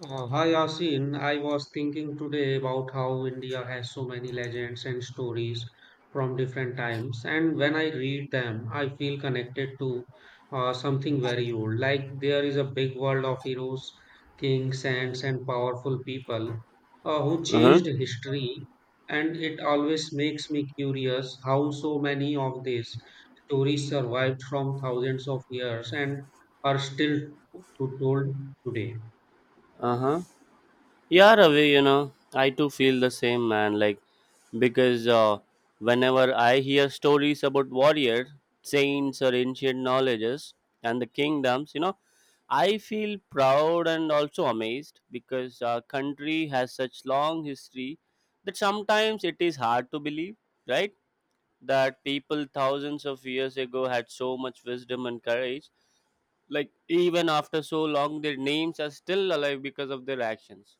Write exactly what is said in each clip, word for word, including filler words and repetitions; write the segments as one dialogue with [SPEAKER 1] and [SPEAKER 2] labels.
[SPEAKER 1] Uh, hi Yasin, I was thinking today about how India has so many legends and stories from different times, and when I read them, I feel connected to uh, something very old. Like there is a big world of heroes, kings, saints, and powerful people uh, who
[SPEAKER 2] Uh-huh.
[SPEAKER 1] changed history, and it always makes me curious how so many of these stories survived from thousands of years and are still to told today.
[SPEAKER 2] Uh-huh. Yeah, Ravi, you know, I too feel the same, man. Like, because uh, whenever I hear stories about warriors, saints, or ancient knowledges and the kingdoms, you know, I feel proud and also amazed because our country has such long history that sometimes it is hard to believe, right? That people thousands of years ago had so much wisdom and courage. Like even after so long, their names are still alive because of their actions.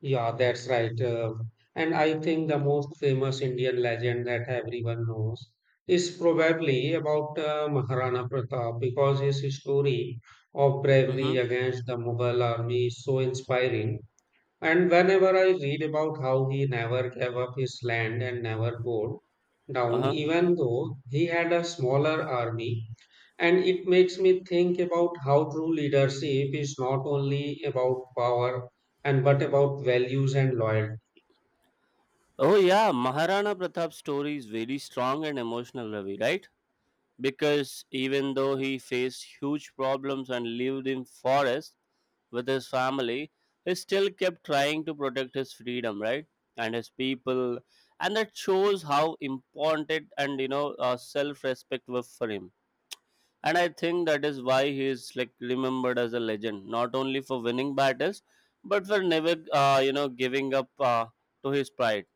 [SPEAKER 1] Yeah, that's right. Uh, and I think the most famous Indian legend that everyone knows is probably about uh, Maharana Pratap because his story of bravery
[SPEAKER 2] Mm-hmm.
[SPEAKER 1] against the Mughal army is so inspiring. And whenever I read about how he never gave up his land and never bowed down,
[SPEAKER 2] Uh-huh.
[SPEAKER 1] even though he had a smaller army, and it makes me think about how true leadership is not only about power and but about values and loyalty.
[SPEAKER 2] Oh yeah, Maharana Pratap's story is very strong and emotional, Ravi, right? Because even though he faced huge problems and lived in forest with his family, he still kept trying to protect his freedom, right? And his people. And that shows how important and you know uh, self-respect was for him. And I think that is why he is like remembered as a legend not only for winning battles but for never, uh, you know, giving up uh, to his pride.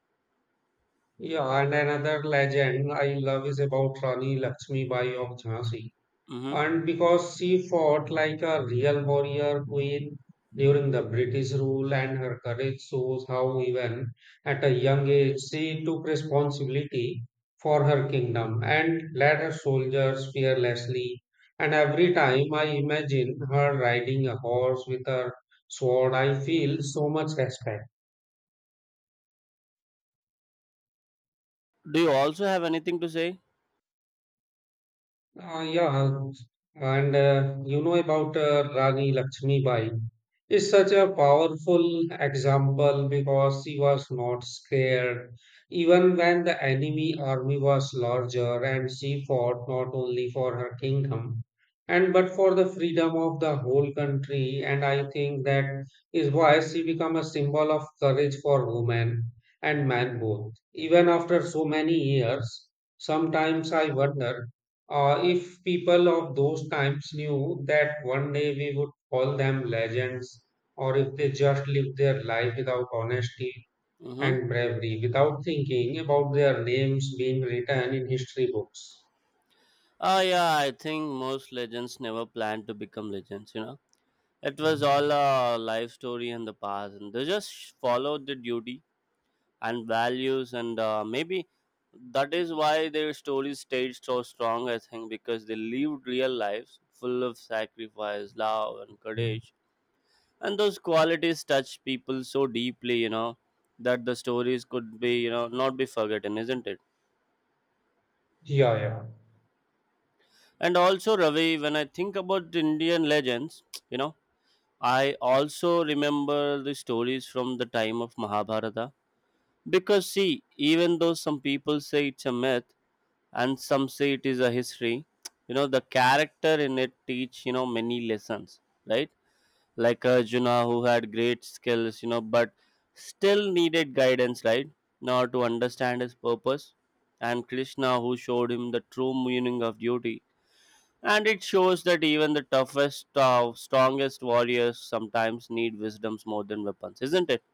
[SPEAKER 1] Yeah, and another legend I love is about Rani Lakshmi Bai of Jhansi.
[SPEAKER 2] Hmm.
[SPEAKER 1] And because she fought like a real warrior queen during the British rule, and her courage shows how, even at a young age, she took responsibility for her kingdom and led her soldiers fearlessly. And every time I imagine her riding a horse with her sword, I feel so much respect.
[SPEAKER 2] Do you also have anything to say?
[SPEAKER 1] Uh, yeah, and uh, you know about uh, Rani Lakshmi Bai. Is such a powerful example because she was not scared, even when the enemy army was larger, and she fought not only for her kingdom and but for the freedom of the whole country. And I think that is why she became a symbol of courage for women and men both. Even after so many years, sometimes I wonder uh, if people of those times knew that one day we would call them legends, or if they just lived their life without honesty
[SPEAKER 2] Mm-hmm.
[SPEAKER 1] and bravery, without thinking about their names being written in history books.
[SPEAKER 2] uh, yeah, I think most legends never plan to become legends, you know. It was all a life story in the past, and they just follow the duty and values, and uh, maybe that is why their stories stayed so strong. I think because they lived real lives full of sacrifice, love and courage, and those qualities touch people so deeply, you know, that the stories could be, you know, not be forgotten, isn't it?
[SPEAKER 1] Yeah, yeah.
[SPEAKER 2] And also Ravi, when I think about Indian legends you know, I also remember the stories from the time of Mahabharata. Because, see, even though some people say it's a myth and some say it is a history, you know, the character in it teach, you know, many lessons, right? Like Arjuna, who had great skills, you know, but still needed guidance, right? In order to understand his purpose. And Krishna, who showed him the true meaning of duty. And it shows that even the toughest, uh, strongest warriors sometimes need wisdoms more than weapons, isn't it?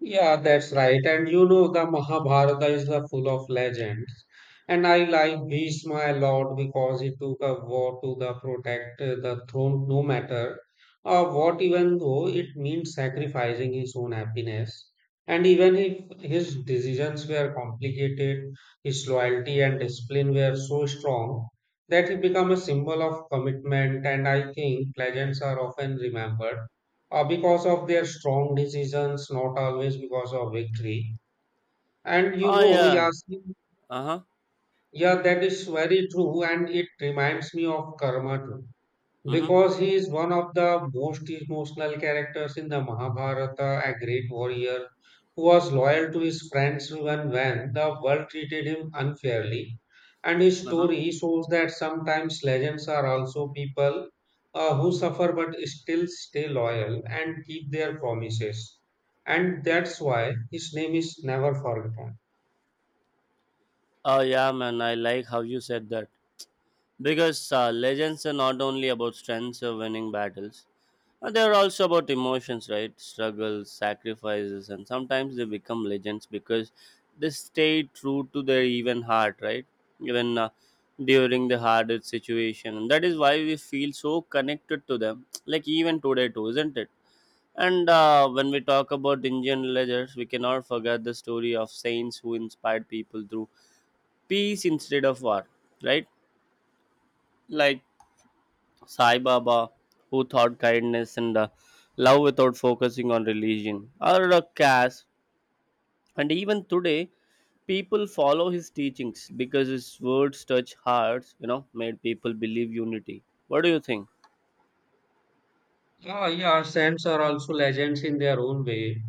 [SPEAKER 1] Yeah, that's right. And you know, the Mahabharata is uh, full of legends. And I like Bhishma a lot because he took a vow to the protect uh, the throne no matter uh, what, even though it means sacrificing his own happiness. And even if his decisions were complicated, his loyalty and discipline were so strong that he became a symbol of commitment. And I think legends are often remembered uh, because of their strong decisions, not always because of victory. And you
[SPEAKER 2] Oh,
[SPEAKER 1] know,
[SPEAKER 2] yeah.
[SPEAKER 1] Yasin,
[SPEAKER 2] Uh huh.
[SPEAKER 1] yeah, that is very true, and it reminds me of karma too.
[SPEAKER 2] Mm
[SPEAKER 1] Because he is one of the most emotional characters in the Mahabharata, a great warrior who was loyal to his friends even when the world treated him unfairly. And his
[SPEAKER 2] hmm. Uh huh.
[SPEAKER 1] story shows that sometimes legends are also people uh, who suffer but still stay loyal and keep their promises. And that's why his name is never forgotten.
[SPEAKER 2] Oh yeah, man, I like how you said that. Because uh, legends are not only about strengths or winning battles, but they're also about emotions, right? Struggles, sacrifices, and sometimes they become legends because they stay true to their even heart, right? Even uh, during the hardest situation. And that is why we feel so connected to them, like even today, too, isn't it? And uh, when we talk about Indian legends, we cannot forget the story of saints who inspired people through peace instead of war, right? Like Sai Baba, who taught kindness and uh, love without focusing on religion, or uh, caste. And even today, people follow his teachings because his words touch hearts, you know, made people believe unity. What do you think?
[SPEAKER 1] Ah, yeah, saints are also legends in their own way.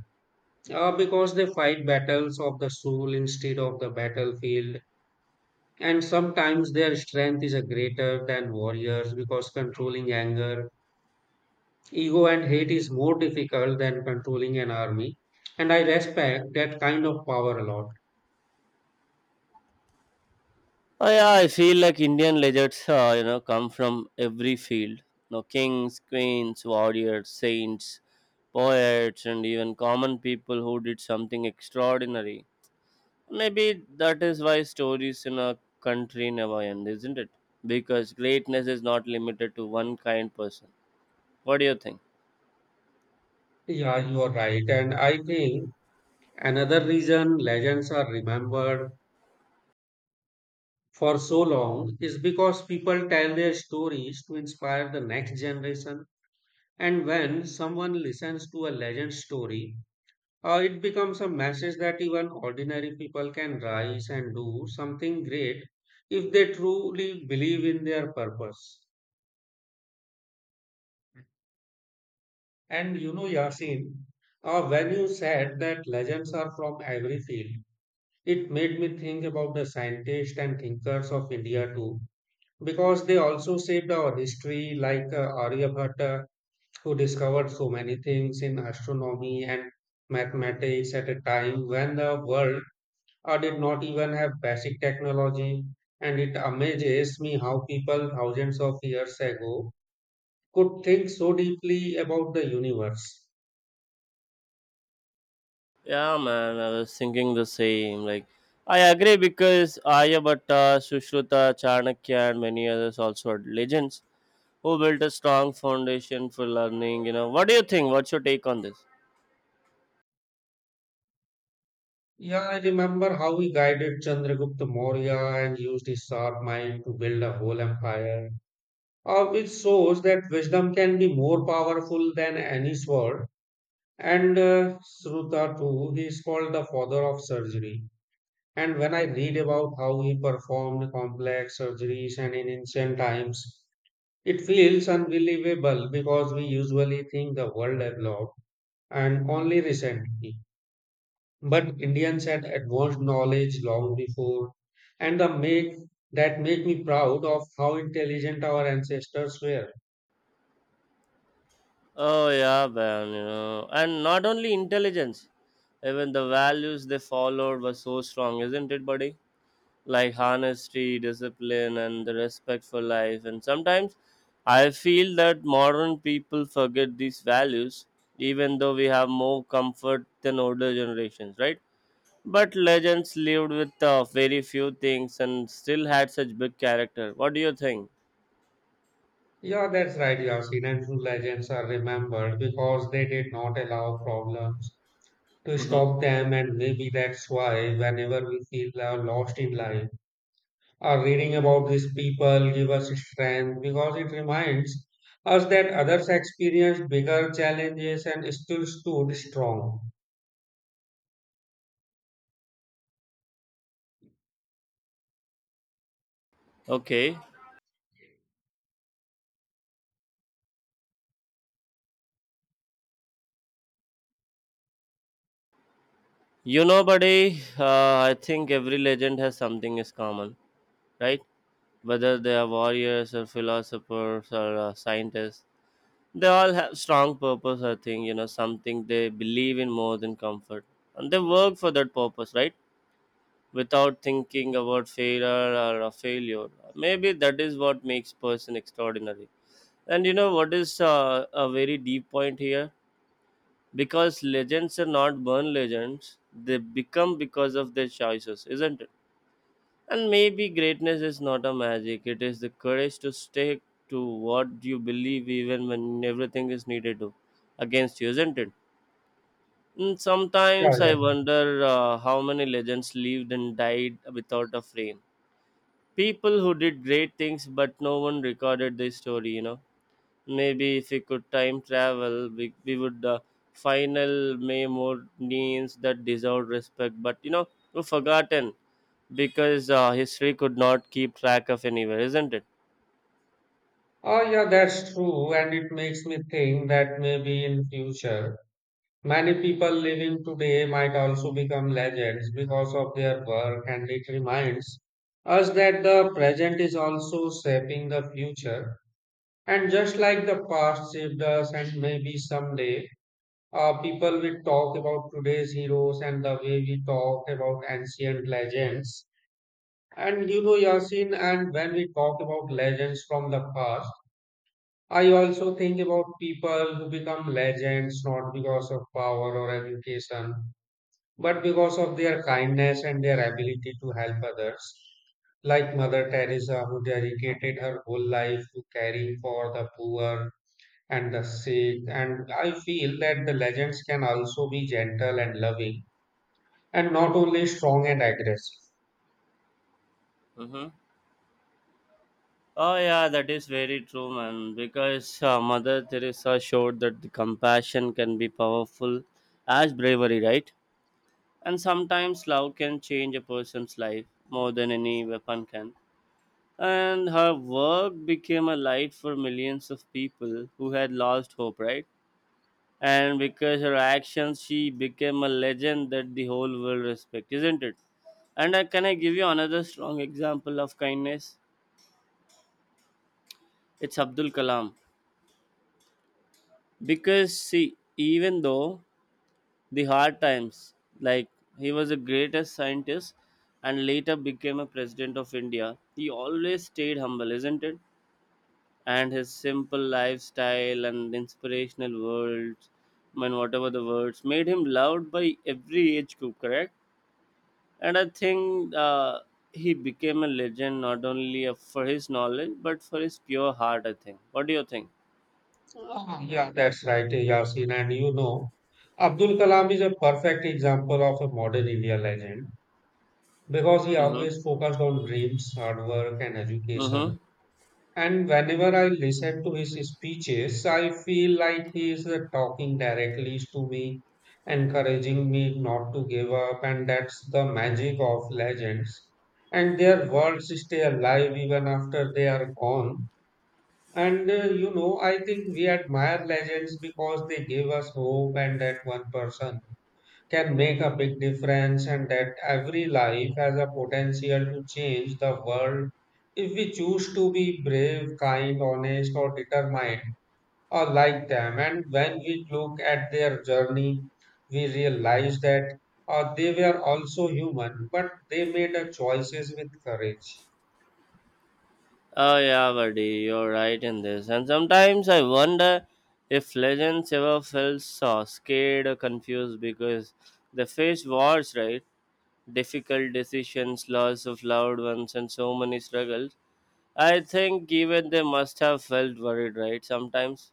[SPEAKER 1] Uh, because they fight battles of the soul instead of the battlefield. And sometimes their strength is a greater than warriors because controlling anger, ego, and hate is more difficult than controlling an army. And I respect that kind of power a lot.
[SPEAKER 2] Oh, yeah, I feel like Indian legends, uh, you know, come from every field. No kings, queens, warriors, saints, poets, and even common people who did something extraordinary. Maybe that is why stories in our country never end, isn't it? Because greatness is not limited to one kind person. What do you think?
[SPEAKER 1] Yeah, you are right. And I think another reason legends are remembered for so long is because people tell their stories to inspire the next generation. And when someone listens to a legend story, Uh, it becomes a message that even ordinary people can rise and do something great if they truly believe in their purpose. And you know, Yasin, uh, when you said that legends are from every field, it made me think about the scientists and thinkers of India too, because they also shaped our history, like uh, Aryabhatta, who discovered so many things in astronomy and mathematics at a time when the world uh, did not even have basic technology. And it amazes me how people thousands of years ago could think so deeply about the universe.
[SPEAKER 2] Yeah, man, I was thinking the same. Like, I agree because Aryabhatta, Sushruta, Chanakya, and many others also are legends who built a strong foundation for learning. You know, what do you think? What's your take on this?
[SPEAKER 1] Yeah, I remember how he guided Chandragupta Maurya and used his sharp mind to build a whole empire, uh, which shows that wisdom can be more powerful than any sword. And uh, Sruta too, he is called the father of surgery. And when I read about how he performed complex surgeries and in ancient times, it feels unbelievable because we usually think the world developed and only recently. But Indians had advanced knowledge long before, and the make that make me proud of how intelligent our ancestors were.
[SPEAKER 2] Oh yeah, man. You know, and not only intelligence, even the values they followed were so strong, isn't it, buddy? Like honesty, discipline, and the respect for life. And sometimes I feel that modern people forget these values, even though we have more comfort than older generations, right? But legends lived with uh, very few things and still had such big character. What do you think?
[SPEAKER 1] Yeah, that's right, Yasin. And true legends are remembered because they did not allow problems to
[SPEAKER 2] Mm-hmm.
[SPEAKER 1] stop them, and maybe that's why whenever we feel uh, lost in life. Uh, reading about these people give us strength because it reminds us that others experienced bigger challenges and still stood strong.
[SPEAKER 2] Okay. You know, buddy, uh, I think every legend has something is common, right? Whether they are warriors or philosophers or uh, scientists, they all have strong purpose, I think, you know, something they believe in more than comfort, and they work for that purpose, right? Without thinking about failure or a failure. Maybe that is what makes person extraordinary. And you know what is uh, a very deep point here, because legends are not born legends, they become because of their choices, isn't it? And maybe greatness is not a magic, it is the courage to stick to what you believe even when everything is needed to against you, isn't it? And
[SPEAKER 1] Yeah,
[SPEAKER 2] sometimes
[SPEAKER 1] yeah.
[SPEAKER 2] I wonder uh, how many legends lived and died without a frame. People who did great things, but no one recorded their story, you know. Maybe if we could time travel, we, we would, uh, final may more names that deserved respect, but you know, were forgotten because uh, history could not keep track of anywhere, isn't it?
[SPEAKER 1] Oh, yeah, that's true, and it makes me think that maybe in future, many people living today might also become legends because of their work, and it reminds us that the present is also shaping the future. And just like the past shaped us, and maybe someday Uh, people will talk about today's heroes and the way we talk about ancient legends. And you know, Yasin, and when we talk about legends from the past, I also think about people who become legends not because of power or education, but because of their kindness and their ability to help others. Like Mother Teresa, who dedicated her whole life to caring for the poor, and the sick. And I feel that the legends can also be gentle and loving and not only strong and aggressive.
[SPEAKER 2] Mm-hmm. Oh yeah, that is very true, man. Because uh, Mother Teresa showed that the compassion can be powerful as bravery, right? And sometimes love can change a person's life more than any weapon can. And her work became a light for millions of people who had lost hope, right? And because her actions she became a legend that the whole world respect, isn't it? And uh, can I give you another strong example of kindness? It's Abdul Kalam. Because see, even though the hard times, like, he was the greatest scientist and later became a president of India, he always stayed humble, isn't it? And his simple lifestyle and inspirational words, I mean, whatever the words made him loved by every age group, correct? And I think, uh, he became a legend not only for his knowledge but for his pure heart. I think. What do you think?
[SPEAKER 1] Ah, yeah, that's right, Yasin. And you know, Abdul Kalam is a perfect example of a modern India legend because he
[SPEAKER 2] Mm-hmm.
[SPEAKER 1] always focused on dreams, hard work, and education.
[SPEAKER 2] Mm-hmm.
[SPEAKER 1] And whenever I listen to his speeches, I feel like he is uh, talking directly to me, encouraging me not to give up. And that's the magic of legends. And their words stay alive even after they are gone. And uh, you know, I think we admire legends because they give us hope and that one person can make a big difference and that every life has a potential to change the world if we choose to be brave, kind, honest, or determined, or like them. And when we look at their journey, we realize that uh, they were also human, but they made a choices with courage.
[SPEAKER 2] Oh yeah, buddy, you're right in this. And sometimes I wonder if legends ever felt so scared or confused because they faced wars, right? Difficult decisions, loss of loved ones, and so many struggles. I think even they must have felt worried, right? Sometimes.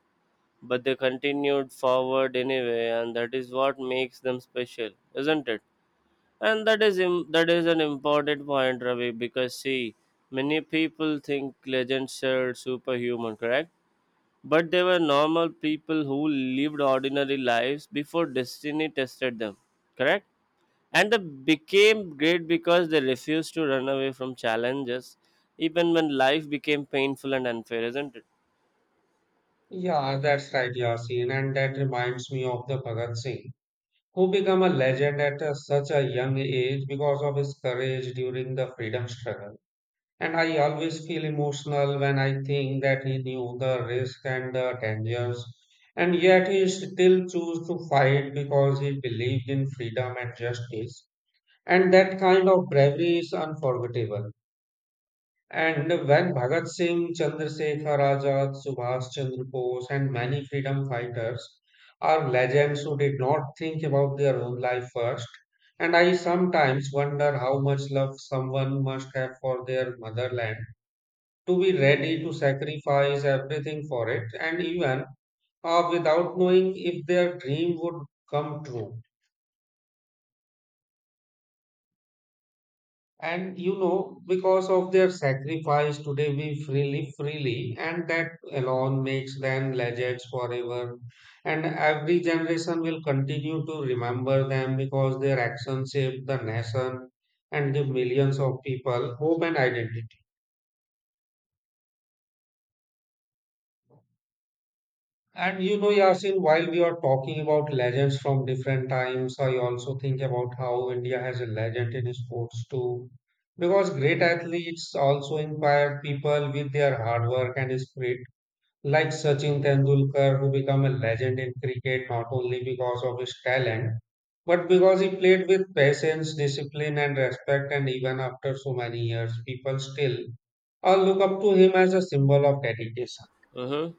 [SPEAKER 2] But they continued forward anyway and that is what makes them special, isn't it? And that is im- that is an important point, Ravi, because see, many people think legends are superhuman, correct? But they were normal people who lived ordinary lives before destiny tested them, correct? And they became great because they refused to run away from challenges even when life became painful and unfair, isn't it?
[SPEAKER 1] Yeah, that's right, Yasin, and that reminds me of the Bhagat Singh, who became a legend at uh, such a young age because of his courage during the freedom struggle. And I always feel emotional when I think that he knew the risk and the dangers, and yet he still chose to fight because he believed in freedom and justice. And that kind of bravery is unforgettable. And when Bhagat Singh, Chandrasekhar Azad, Subhash Chandra Bose, and many freedom fighters are legends who did not think about their own life first, and I sometimes wonder how much love someone must have for their motherland to be ready to sacrifice everything for it and even uh, without knowing if their dream would come true. And you know because of their sacrifice today we freely freely and that alone makes them legends forever. And every generation will continue to remember them because their actions shaped the nation and give millions of people hope and identity. And you know, Yasin, while we are talking about legends from different times, I also think about how India has a legend in sports too. Because great athletes also inspire people with their hard work and spirit, like Sachin Tendulkar, who became a legend in cricket not only because of his talent, but because he played with patience, discipline, and respect. And even after so many years, people still uh, look up to him as a symbol of dedication.
[SPEAKER 2] Uh-huh.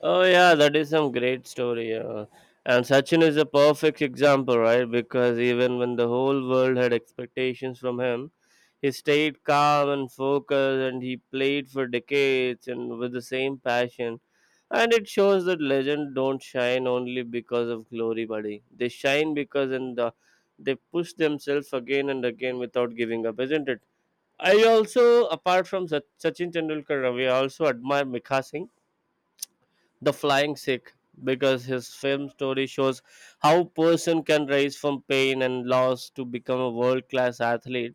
[SPEAKER 2] Oh yeah, that is some great story. Uh, and Sachin is a perfect example, right? Because even when the whole world had expectations from him, he stayed calm and focused, and he played for decades and with the same passion. And it shows that legends don't shine only because of glory, buddy. They shine because and the, they push themselves again and again without giving up, isn't it? I also, apart from Sach- Sachin Tendulkar, we also admire Mikha Singh the Flying Sick, because his film story shows how person can rise from pain and loss to become a world class athlete.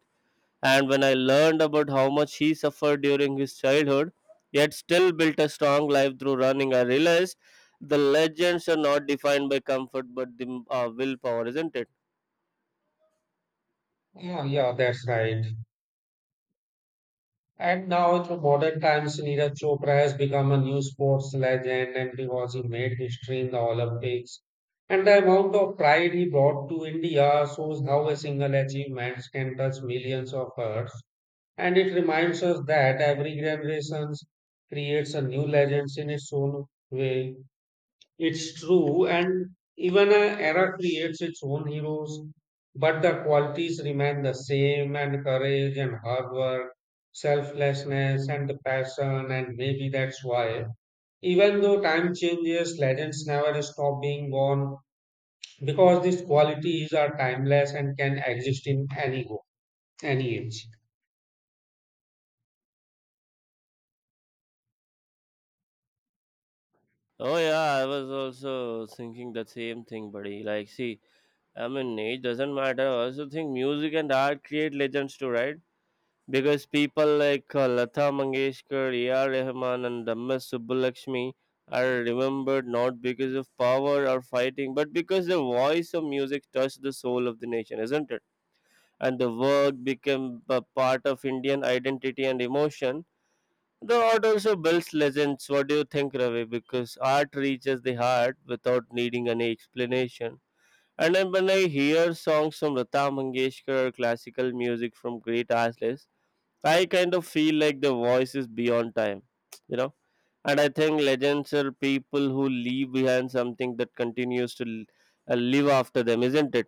[SPEAKER 2] And when I learned about how much he suffered during his childhood, yet still built a strong life through running, I realized the legends are not defined by comfort but the uh, willpower, isn't it?
[SPEAKER 1] Yeah, yeah, that's right. And now in the modern times, Neeraj Chopra has become a new sports legend and because he made history in the Olympics. And the amount of pride he brought to India shows how a single achievement can touch millions of hearts. And it reminds us that every generation creates a new legend in its own way. It's true, and even an era creates its own heroes, but the qualities remain the same and courage and hard work, selflessness and the passion, and maybe that's why, even though time changes, legends never stop being born because these qualities are timeless and can exist in any, any age.
[SPEAKER 2] Oh yeah, I was also thinking the same thing, buddy. Like, see, I mean, age doesn't matter. I also think music and art create legends too, right? Because people like uh, Lata Mangeshkar, A R. Rahman, and M S. Subbulakshmi are remembered not because of power or fighting, but because the voice of music touched the soul of the nation, isn't it? And the work became a part of Indian identity and emotion. The art also builds legends. What do you think, Ravi? Because art reaches the heart without needing any explanation. And then when I hear songs from Lata Mangeshkar, classical music from great artists, I kind of feel like the voice is beyond time, you know. And I think legends are people who leave behind something that continues to l- uh, live after them, isn't it?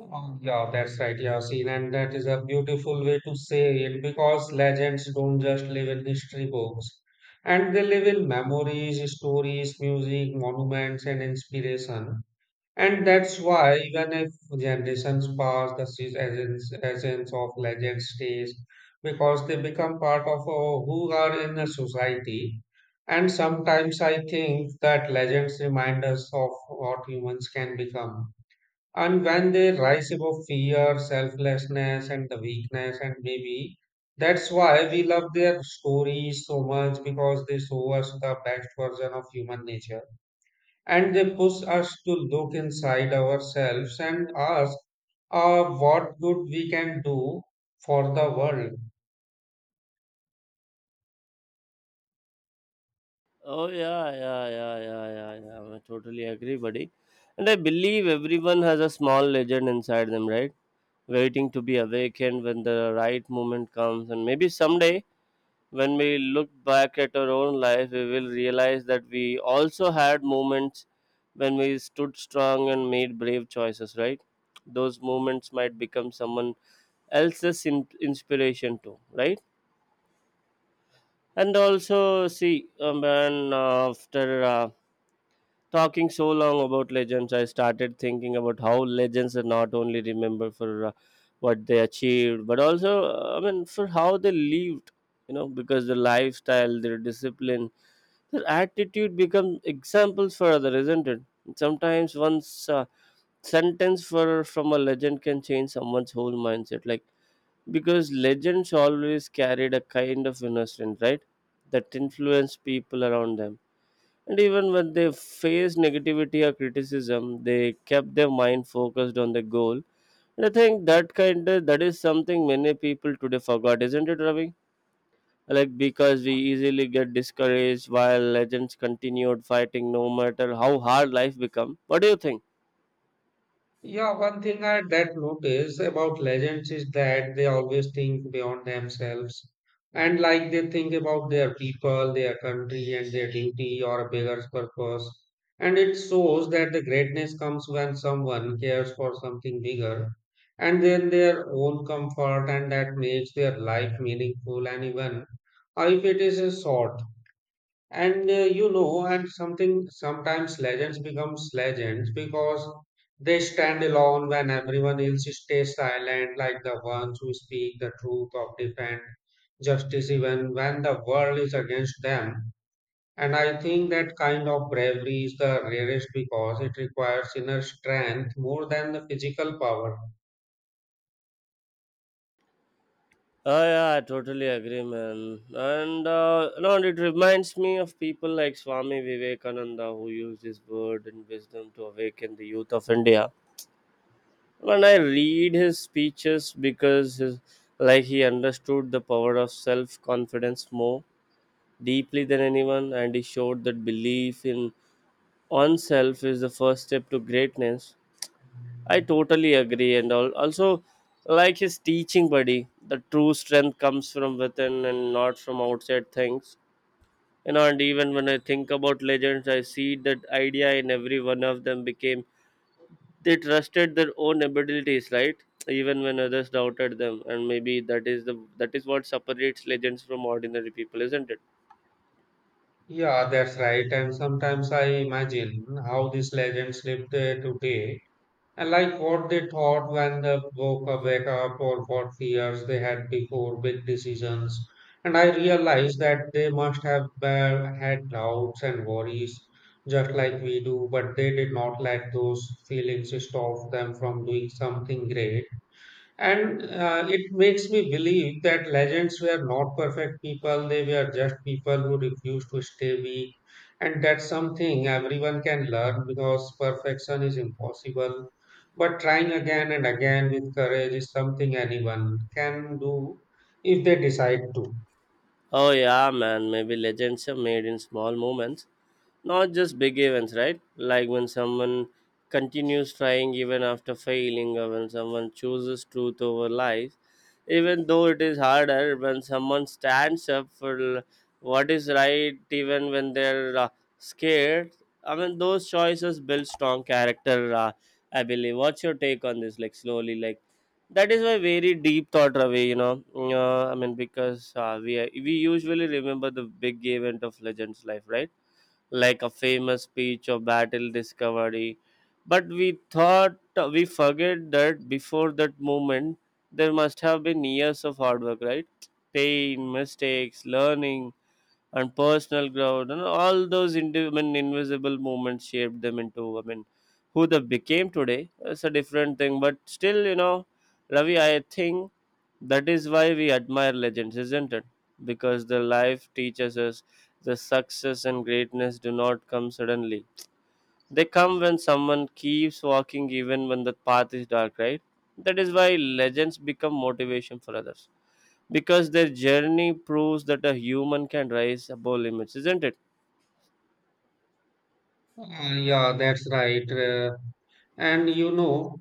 [SPEAKER 1] Oh, yeah, that's right, Yasin, and that is a beautiful way to say it because legends don't just live in history books, and they live in memories, stories, music, monuments, and inspiration. And that's why even if generations pass, the se- essence, essence of legend stays because they become part of uh, who are in a society. And sometimes I think that legends remind us of what humans can become and when they rise above fear, selflessness, and the weakness, and maybe that's why we love their stories so much because they show us the best version of human nature and they push us to look inside ourselves and ask uh, what good we can do for the world.
[SPEAKER 2] Oh yeah, yeah, yeah, yeah, yeah, yeah. I totally agree, buddy. And I believe everyone has a small legend inside them, right? Waiting to be awakened when the right moment comes, and maybe someday when we look back at our own life, we will realize that we also had moments when we stood strong and made brave choices, right? Those moments might become someone else's in- inspiration too, right? And also, see, um, and uh, after uh, talking so long about legends, I started thinking about how legends are not only remembered for uh, what they achieved, but also, uh, I mean, for how they lived. You know, because their lifestyle, their discipline, their attitude become examples for others, isn't it? Sometimes one's uh, sentence for from a legend can change someone's whole mindset. Like because legends always carried a kind of inner strength, right? That influenced people around them, and even when they faced negativity or criticism, they kept their mind focused on the goal. And I think that kind of that is something many people today forgot, isn't it, Ravi? Like because we easily get discouraged while legends continued fighting no matter how hard life become. What do you think?
[SPEAKER 1] Yeah, one thing I that notice about legends is that they always think beyond themselves and like they think about their people, their country, and their duty or a bigger purpose. And it shows that the greatness comes when someone cares for something bigger and then their own comfort, and that makes their life meaningful and even uh, if it is uh, short. And uh, you know, and something sometimes legends becomes legends because they stand alone when everyone else stays silent, like the ones who speak the truth of defend justice even when the world is against them. And I think that kind of bravery is the rarest because it requires inner strength more than the physical power.
[SPEAKER 2] Oh yeah, I totally agree, man. And uh, no, and it reminds me of people like Swami Vivekananda, who used his word and wisdom to awaken the youth of India. When I read his speeches because his, like, he understood the power of self confidence more deeply than anyone, and he showed that belief in oneself is the first step to greatness. I totally agree, and al- also, like, his teaching, buddy, the true strength comes from within and not from outside things, you know. And even when I think about legends, I see that idea in every one of them became they trusted their own abilities, right, even when others doubted them. And maybe that is the that is what separates legends from ordinary people, isn't it?
[SPEAKER 1] Yeah, that's right. And sometimes I imagine how these legends lived uh, today I like what they thought when they woke up, wake up or what fears they had before big decisions. And I realized that they must have uh, had doubts and worries just like we do, but they did not let those feelings stop them from doing something great. And uh, it makes me believe that legends were not perfect people, they were just people who refused to stay weak. And that's something everyone can learn because perfection is impossible. But trying again and again with courage is something anyone can do if they decide to.
[SPEAKER 2] Oh yeah, man. Maybe legends are made in small moments, not just big events, right? Like when someone continues trying even after failing, or when someone chooses truth over lies, even though it is harder, when someone stands up for l- what is right, even when they're uh, scared. I mean, those choices build strong character, Uh, I believe. What's your take on this? Like, slowly, like, that is why, very deep thought, Ravi. You know, uh, I mean, because uh, we we usually remember the big event of legend's life, right? Like a famous speech or battle discovery, but we thought uh, we forget that before that moment there must have been years of hard work, right? Pain, mistakes, learning, and personal growth. And all those indi- I mean invisible movements shaped them into, I mean, who they became today. It's a different thing, but still, you know, Ravi, I think that is why we admire legends, isn't it? Because their life teaches us the success and greatness do not come suddenly. They come when someone keeps walking even when the path is dark, right? That is why legends become motivation for others, because their journey proves that a human can rise above limits, isn't it?
[SPEAKER 1] Uh, yeah, that's right. Uh, and you know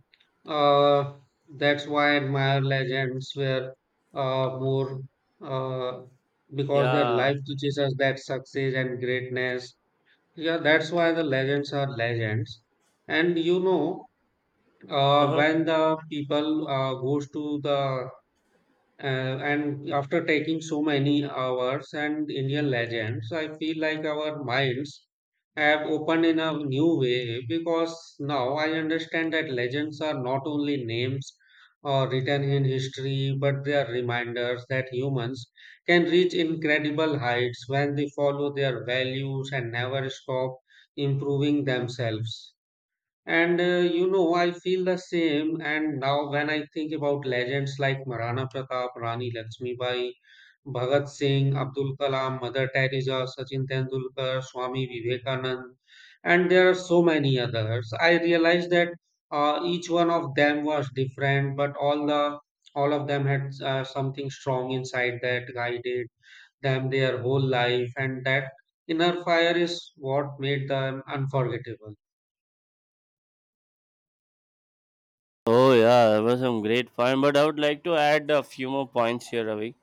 [SPEAKER 1] uh, that's why I admire legends were uh, more uh, because their
[SPEAKER 2] Yeah.
[SPEAKER 1] life teaches us that success and greatness yeah that's why the legends are legends and you know uh,
[SPEAKER 2] Uh-huh.
[SPEAKER 1] when the people uh, goes to the uh, and after taking so many hours and Indian legends, I feel like our minds have opened in a new way because now I understand that legends are not only names or written in history, but they are reminders that humans can reach incredible heights when they follow their values and never stop improving themselves. And uh, you know, I feel the same. And now, when I think about legends like Maharana Pratap, Rani Lakshmibai, Bhagat Singh, Abdul Kalam, Mother Teresa, Sachin Tendulkar, Swami Vivekanand, and there are so many others, I realize that uh, each one of them was different, but all the all of them had uh, something strong inside that guided them their whole life, and that inner fire is what made them unforgettable.
[SPEAKER 2] Oh yeah, that was some great fun. But I would like to add a few more points here, Ravi.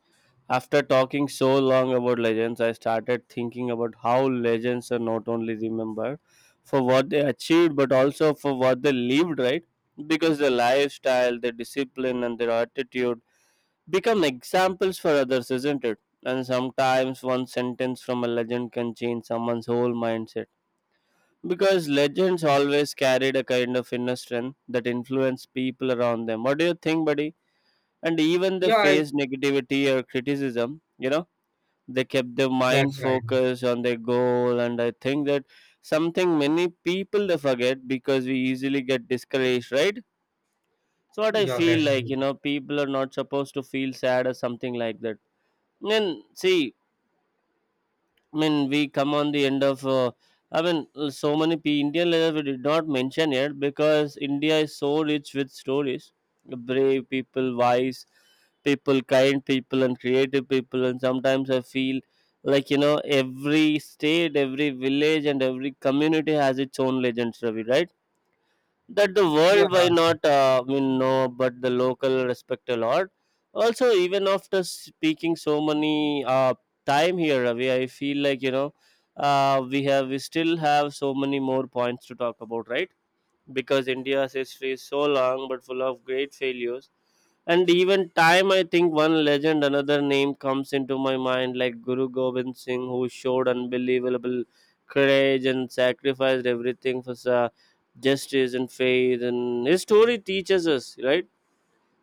[SPEAKER 2] After talking so long about legends, I started thinking about how legends are not only remembered for what they achieved, but also for what they lived, right? Because their lifestyle, their discipline, and their attitude become examples for others, isn't it? And sometimes one sentence from a legend can change someone's whole mindset. Because legends always carried a kind of inner strength that influenced people around them. What do you think, buddy? And even they
[SPEAKER 1] Yeah,
[SPEAKER 2] faced negativity or criticism, you know, they kept their mind
[SPEAKER 1] that's right.
[SPEAKER 2] focused on their goal. And I think that something many people they forget, because we easily get discouraged, right? So what I
[SPEAKER 1] Yeah,
[SPEAKER 2] feel
[SPEAKER 1] that's
[SPEAKER 2] like,
[SPEAKER 1] right.
[SPEAKER 2] you know, people are not supposed to feel sad or something like that. Then see, I mean, we come on the end of. Uh, I mean, uh, so many P- Indian leaders we did not mention yet, because India is so rich with stories. Brave people, wise people, kind people, and creative people. And sometimes I feel like, you know, every state, every village, and every community has its own legends, Ravi. Right? That the
[SPEAKER 1] Yeah,
[SPEAKER 2] world, why not, uh, I mean, no, but the local respect a lot. Also, even after speaking so many uh, time here, Ravi, I feel like, you know, uh, we have we still have so many more points to talk about, right? Because India's history is so long, but full of great failures. And even time, I think one legend, another name comes into my mind, like Guru Gobind Singh, who showed unbelievable courage and sacrificed everything for sa- justice and faith. And his story teaches us, right,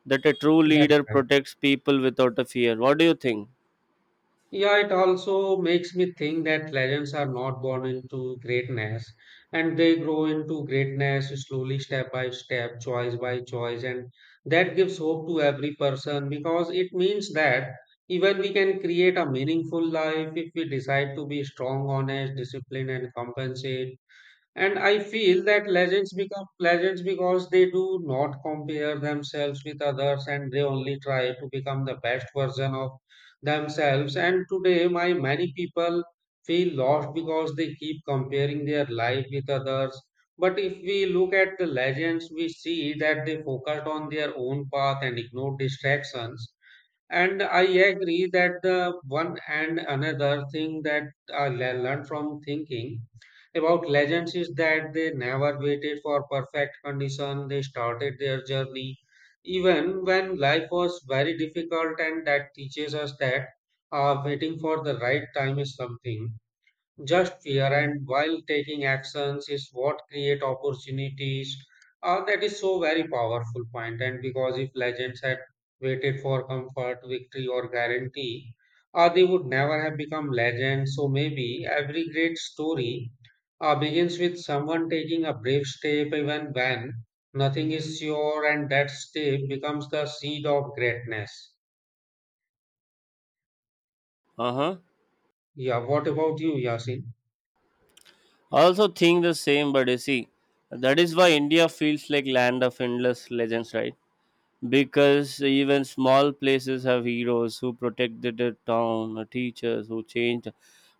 [SPEAKER 2] that a true leader
[SPEAKER 1] that's right.
[SPEAKER 2] protects people without a fear. What do you think?
[SPEAKER 1] Yeah, it also makes me think that legends are not born into greatness and they grow into greatness slowly, step by step, choice by choice. And that gives hope to every person because it means that even we can create a meaningful life if we decide to be strong, honest, disciplined, and compensate. And I feel that legends become legends because they do not compare themselves with others and they only try to become the best version of themselves. And today, my many people feel lost because they keep comparing their life with others. But if we look at the legends, we see that they focused on their own path and ignored distractions. And I agree that the one and another thing that I le- learned from thinking about legends is that they never waited for perfect condition. They started their journey even when life was very difficult, and that teaches us that uh, waiting for the right time is something just fear and while taking actions is what create opportunities. Uh, that is so very powerful point. And because if legends had waited for comfort, victory, or guarantee, uh, they would never have become legends. So maybe every great story uh, begins with someone taking a brave step, even when nothing is sure, and that step becomes the seed of greatness.
[SPEAKER 2] Uh huh.
[SPEAKER 1] Yeah. What about you, Yasin?
[SPEAKER 2] I also think the same, but you see, that is why India feels like land of endless legends, right? Because even small places have heroes who protected the town, uh, teachers who changed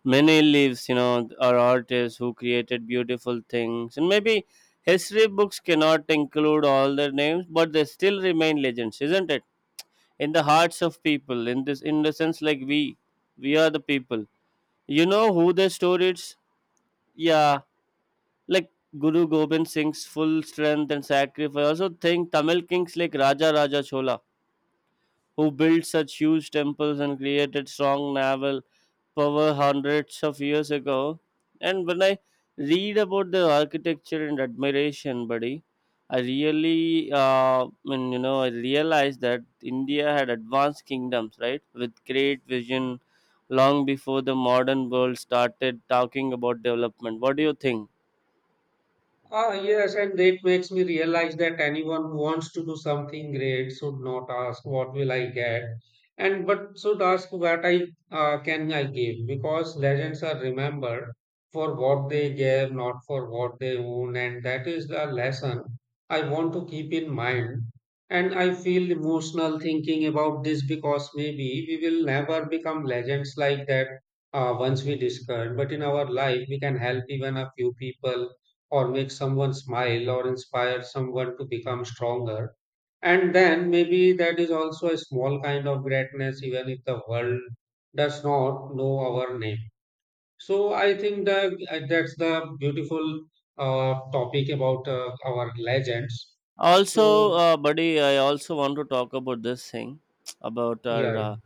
[SPEAKER 2] many lives, you know, or artists who created beautiful things. And maybe history books cannot include all their names, but they still remain legends, isn't it, in the hearts of people. In this, in the sense, like, we we are the people, you know, who the stories. Yeah. Like Guru Gobind Singh's full strength and sacrifice, I also think Tamil kings like Raja Raja Chola, who built such huge temples and created strong naval power hundreds of years ago. And when I read about the architecture and admiration, buddy, I really, uh, I mean, you know, I realized that India had advanced kingdoms, right, with great vision long before the modern world started talking about development. What do you think?
[SPEAKER 1] Ah, yes, and it makes me realize that anyone who wants to do something great should not ask what will I get, and but should ask what I uh, can I give because legends are remembered for what they gave, not for what they own, and that is the lesson I want to keep in mind. And I feel emotional thinking about this because maybe we will never become legends like that uh, once we discard, but in our life we can help even a few people or make someone smile or inspire someone to become stronger. And then maybe that is also a small kind of greatness, even if the world does not know our name. So I think that that's the beautiful uh, topic about uh, our legends. So
[SPEAKER 2] Also, uh, buddy, I also want to talk about this thing about our
[SPEAKER 1] yeah,
[SPEAKER 2] uh,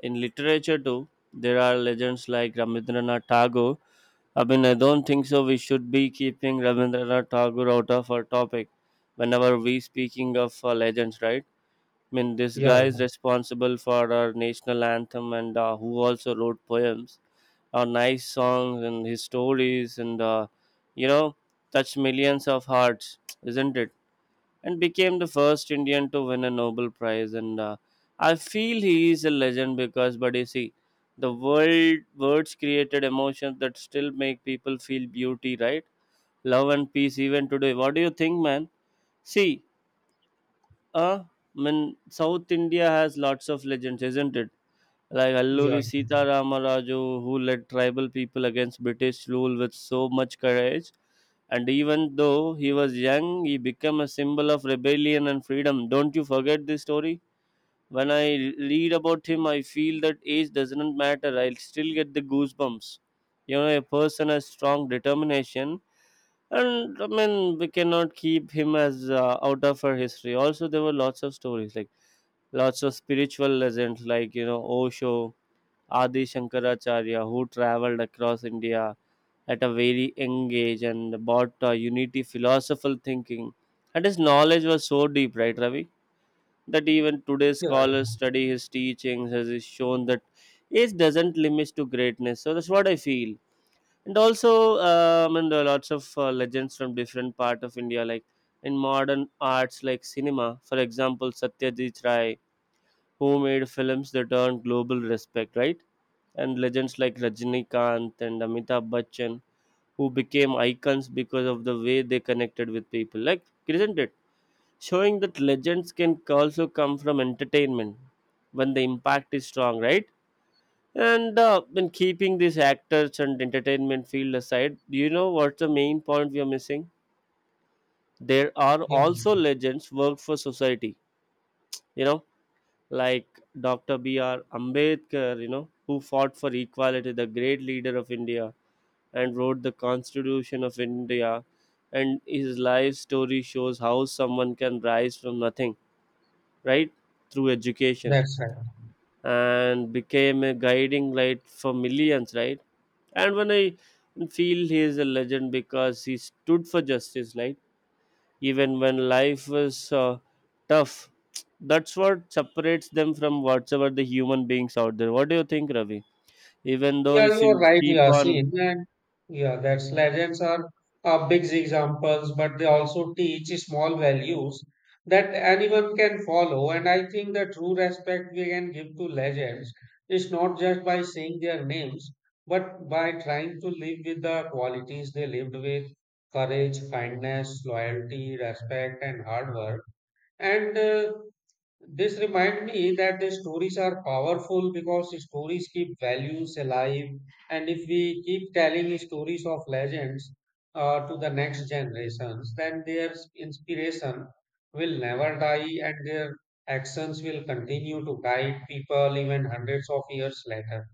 [SPEAKER 2] in literature too, there are legends like Rabindranath Tagore. I mean, I don't think so. We should be keeping Rabindranath Tagore out of our topic whenever we speaking of uh, legends, right? I mean, this
[SPEAKER 1] yeah,
[SPEAKER 2] guy is responsible for our national anthem, and uh, who also wrote poems, uh, nice songs, and his stories, and uh, you know, touch millions of hearts, isn't it? And became the first Indian to win a Nobel Prize. And uh, I feel he is a legend because, but you see, the world words created emotions that still make people feel beauty, right? Love and peace even today. What do you think, man? See, uh, I mean, South India has lots of legends, isn't it? Like
[SPEAKER 1] yeah,
[SPEAKER 2] Alluri
[SPEAKER 1] yeah,
[SPEAKER 2] Sita Ramaraju, who led tribal people against British rule with so much courage. And even though he was young, he became a symbol of rebellion and freedom. Don't you forget this story? When I read about him, I feel that age doesn't matter. I'll still get the goosebumps. You know, a person has strong determination, and I mean, we cannot keep him as uh, out of our history. Also, there were lots of stories like lots of spiritual legends like, you know, Osho, Adi Shankaracharya, who traveled across India at a very young age and bought a unity philosophical thinking. And his knowledge was so deep, right, Ravi, that even today's
[SPEAKER 1] yeah,
[SPEAKER 2] scholars
[SPEAKER 1] yeah,
[SPEAKER 2] study his teachings as is shown that age doesn't limit to greatness. So that's what I feel. And also, um, and there are lots of uh, legends from different part of India, like in modern arts like cinema, for example, Satyajit Ray, who made films that earned global respect, right? And legends like Rajinikanth and Amitabh Bachchan, who became icons because of the way they connected with people. Like, isn't it? Showing that legends can also come from entertainment when the impact is strong, right? And uh, when keeping these actors and entertainment field aside, do you know what's the main point we are missing? There are
[SPEAKER 1] yeah.
[SPEAKER 2] also legends work for society, you know, like doctor B R. Ambedkar, you know, who fought for equality, the great leader of India, and wrote the Constitution of India. And his life story shows how someone can rise from nothing, right, through education,
[SPEAKER 1] That's right.
[SPEAKER 2] and became a guiding light for millions, right? And when I feel he is a legend because he stood for justice, right? Even when life was uh, tough, that's what separates them from whatsoever the human beings out there. What do you think, Ravi? Even though
[SPEAKER 1] Yeah,
[SPEAKER 2] if
[SPEAKER 1] you're
[SPEAKER 2] you'll
[SPEAKER 1] right.
[SPEAKER 2] keep
[SPEAKER 1] Yeah, see,
[SPEAKER 2] on
[SPEAKER 1] and yeah, that's legends are uh, big examples, but they also teach small values that anyone can follow. And I think the true respect we can give to legends is not just by saying their names, but by trying to live with the qualities they lived with courage, kindness, loyalty, respect, and hard work. And uh, this remind me that the stories are powerful because stories keep values alive, and if we keep telling stories of legends uh, to the next generations, then their inspiration will never die, and their actions will continue to guide people even hundreds of years later.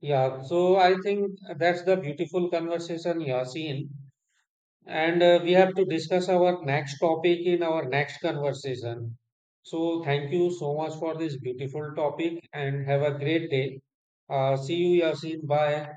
[SPEAKER 1] Yeah, so I think that's the beautiful conversation, Yasin. And uh, we have to discuss our next topic in our next conversation. So, thank you so much for this beautiful topic and have a great day. Uh, see you, Yasin. Bye.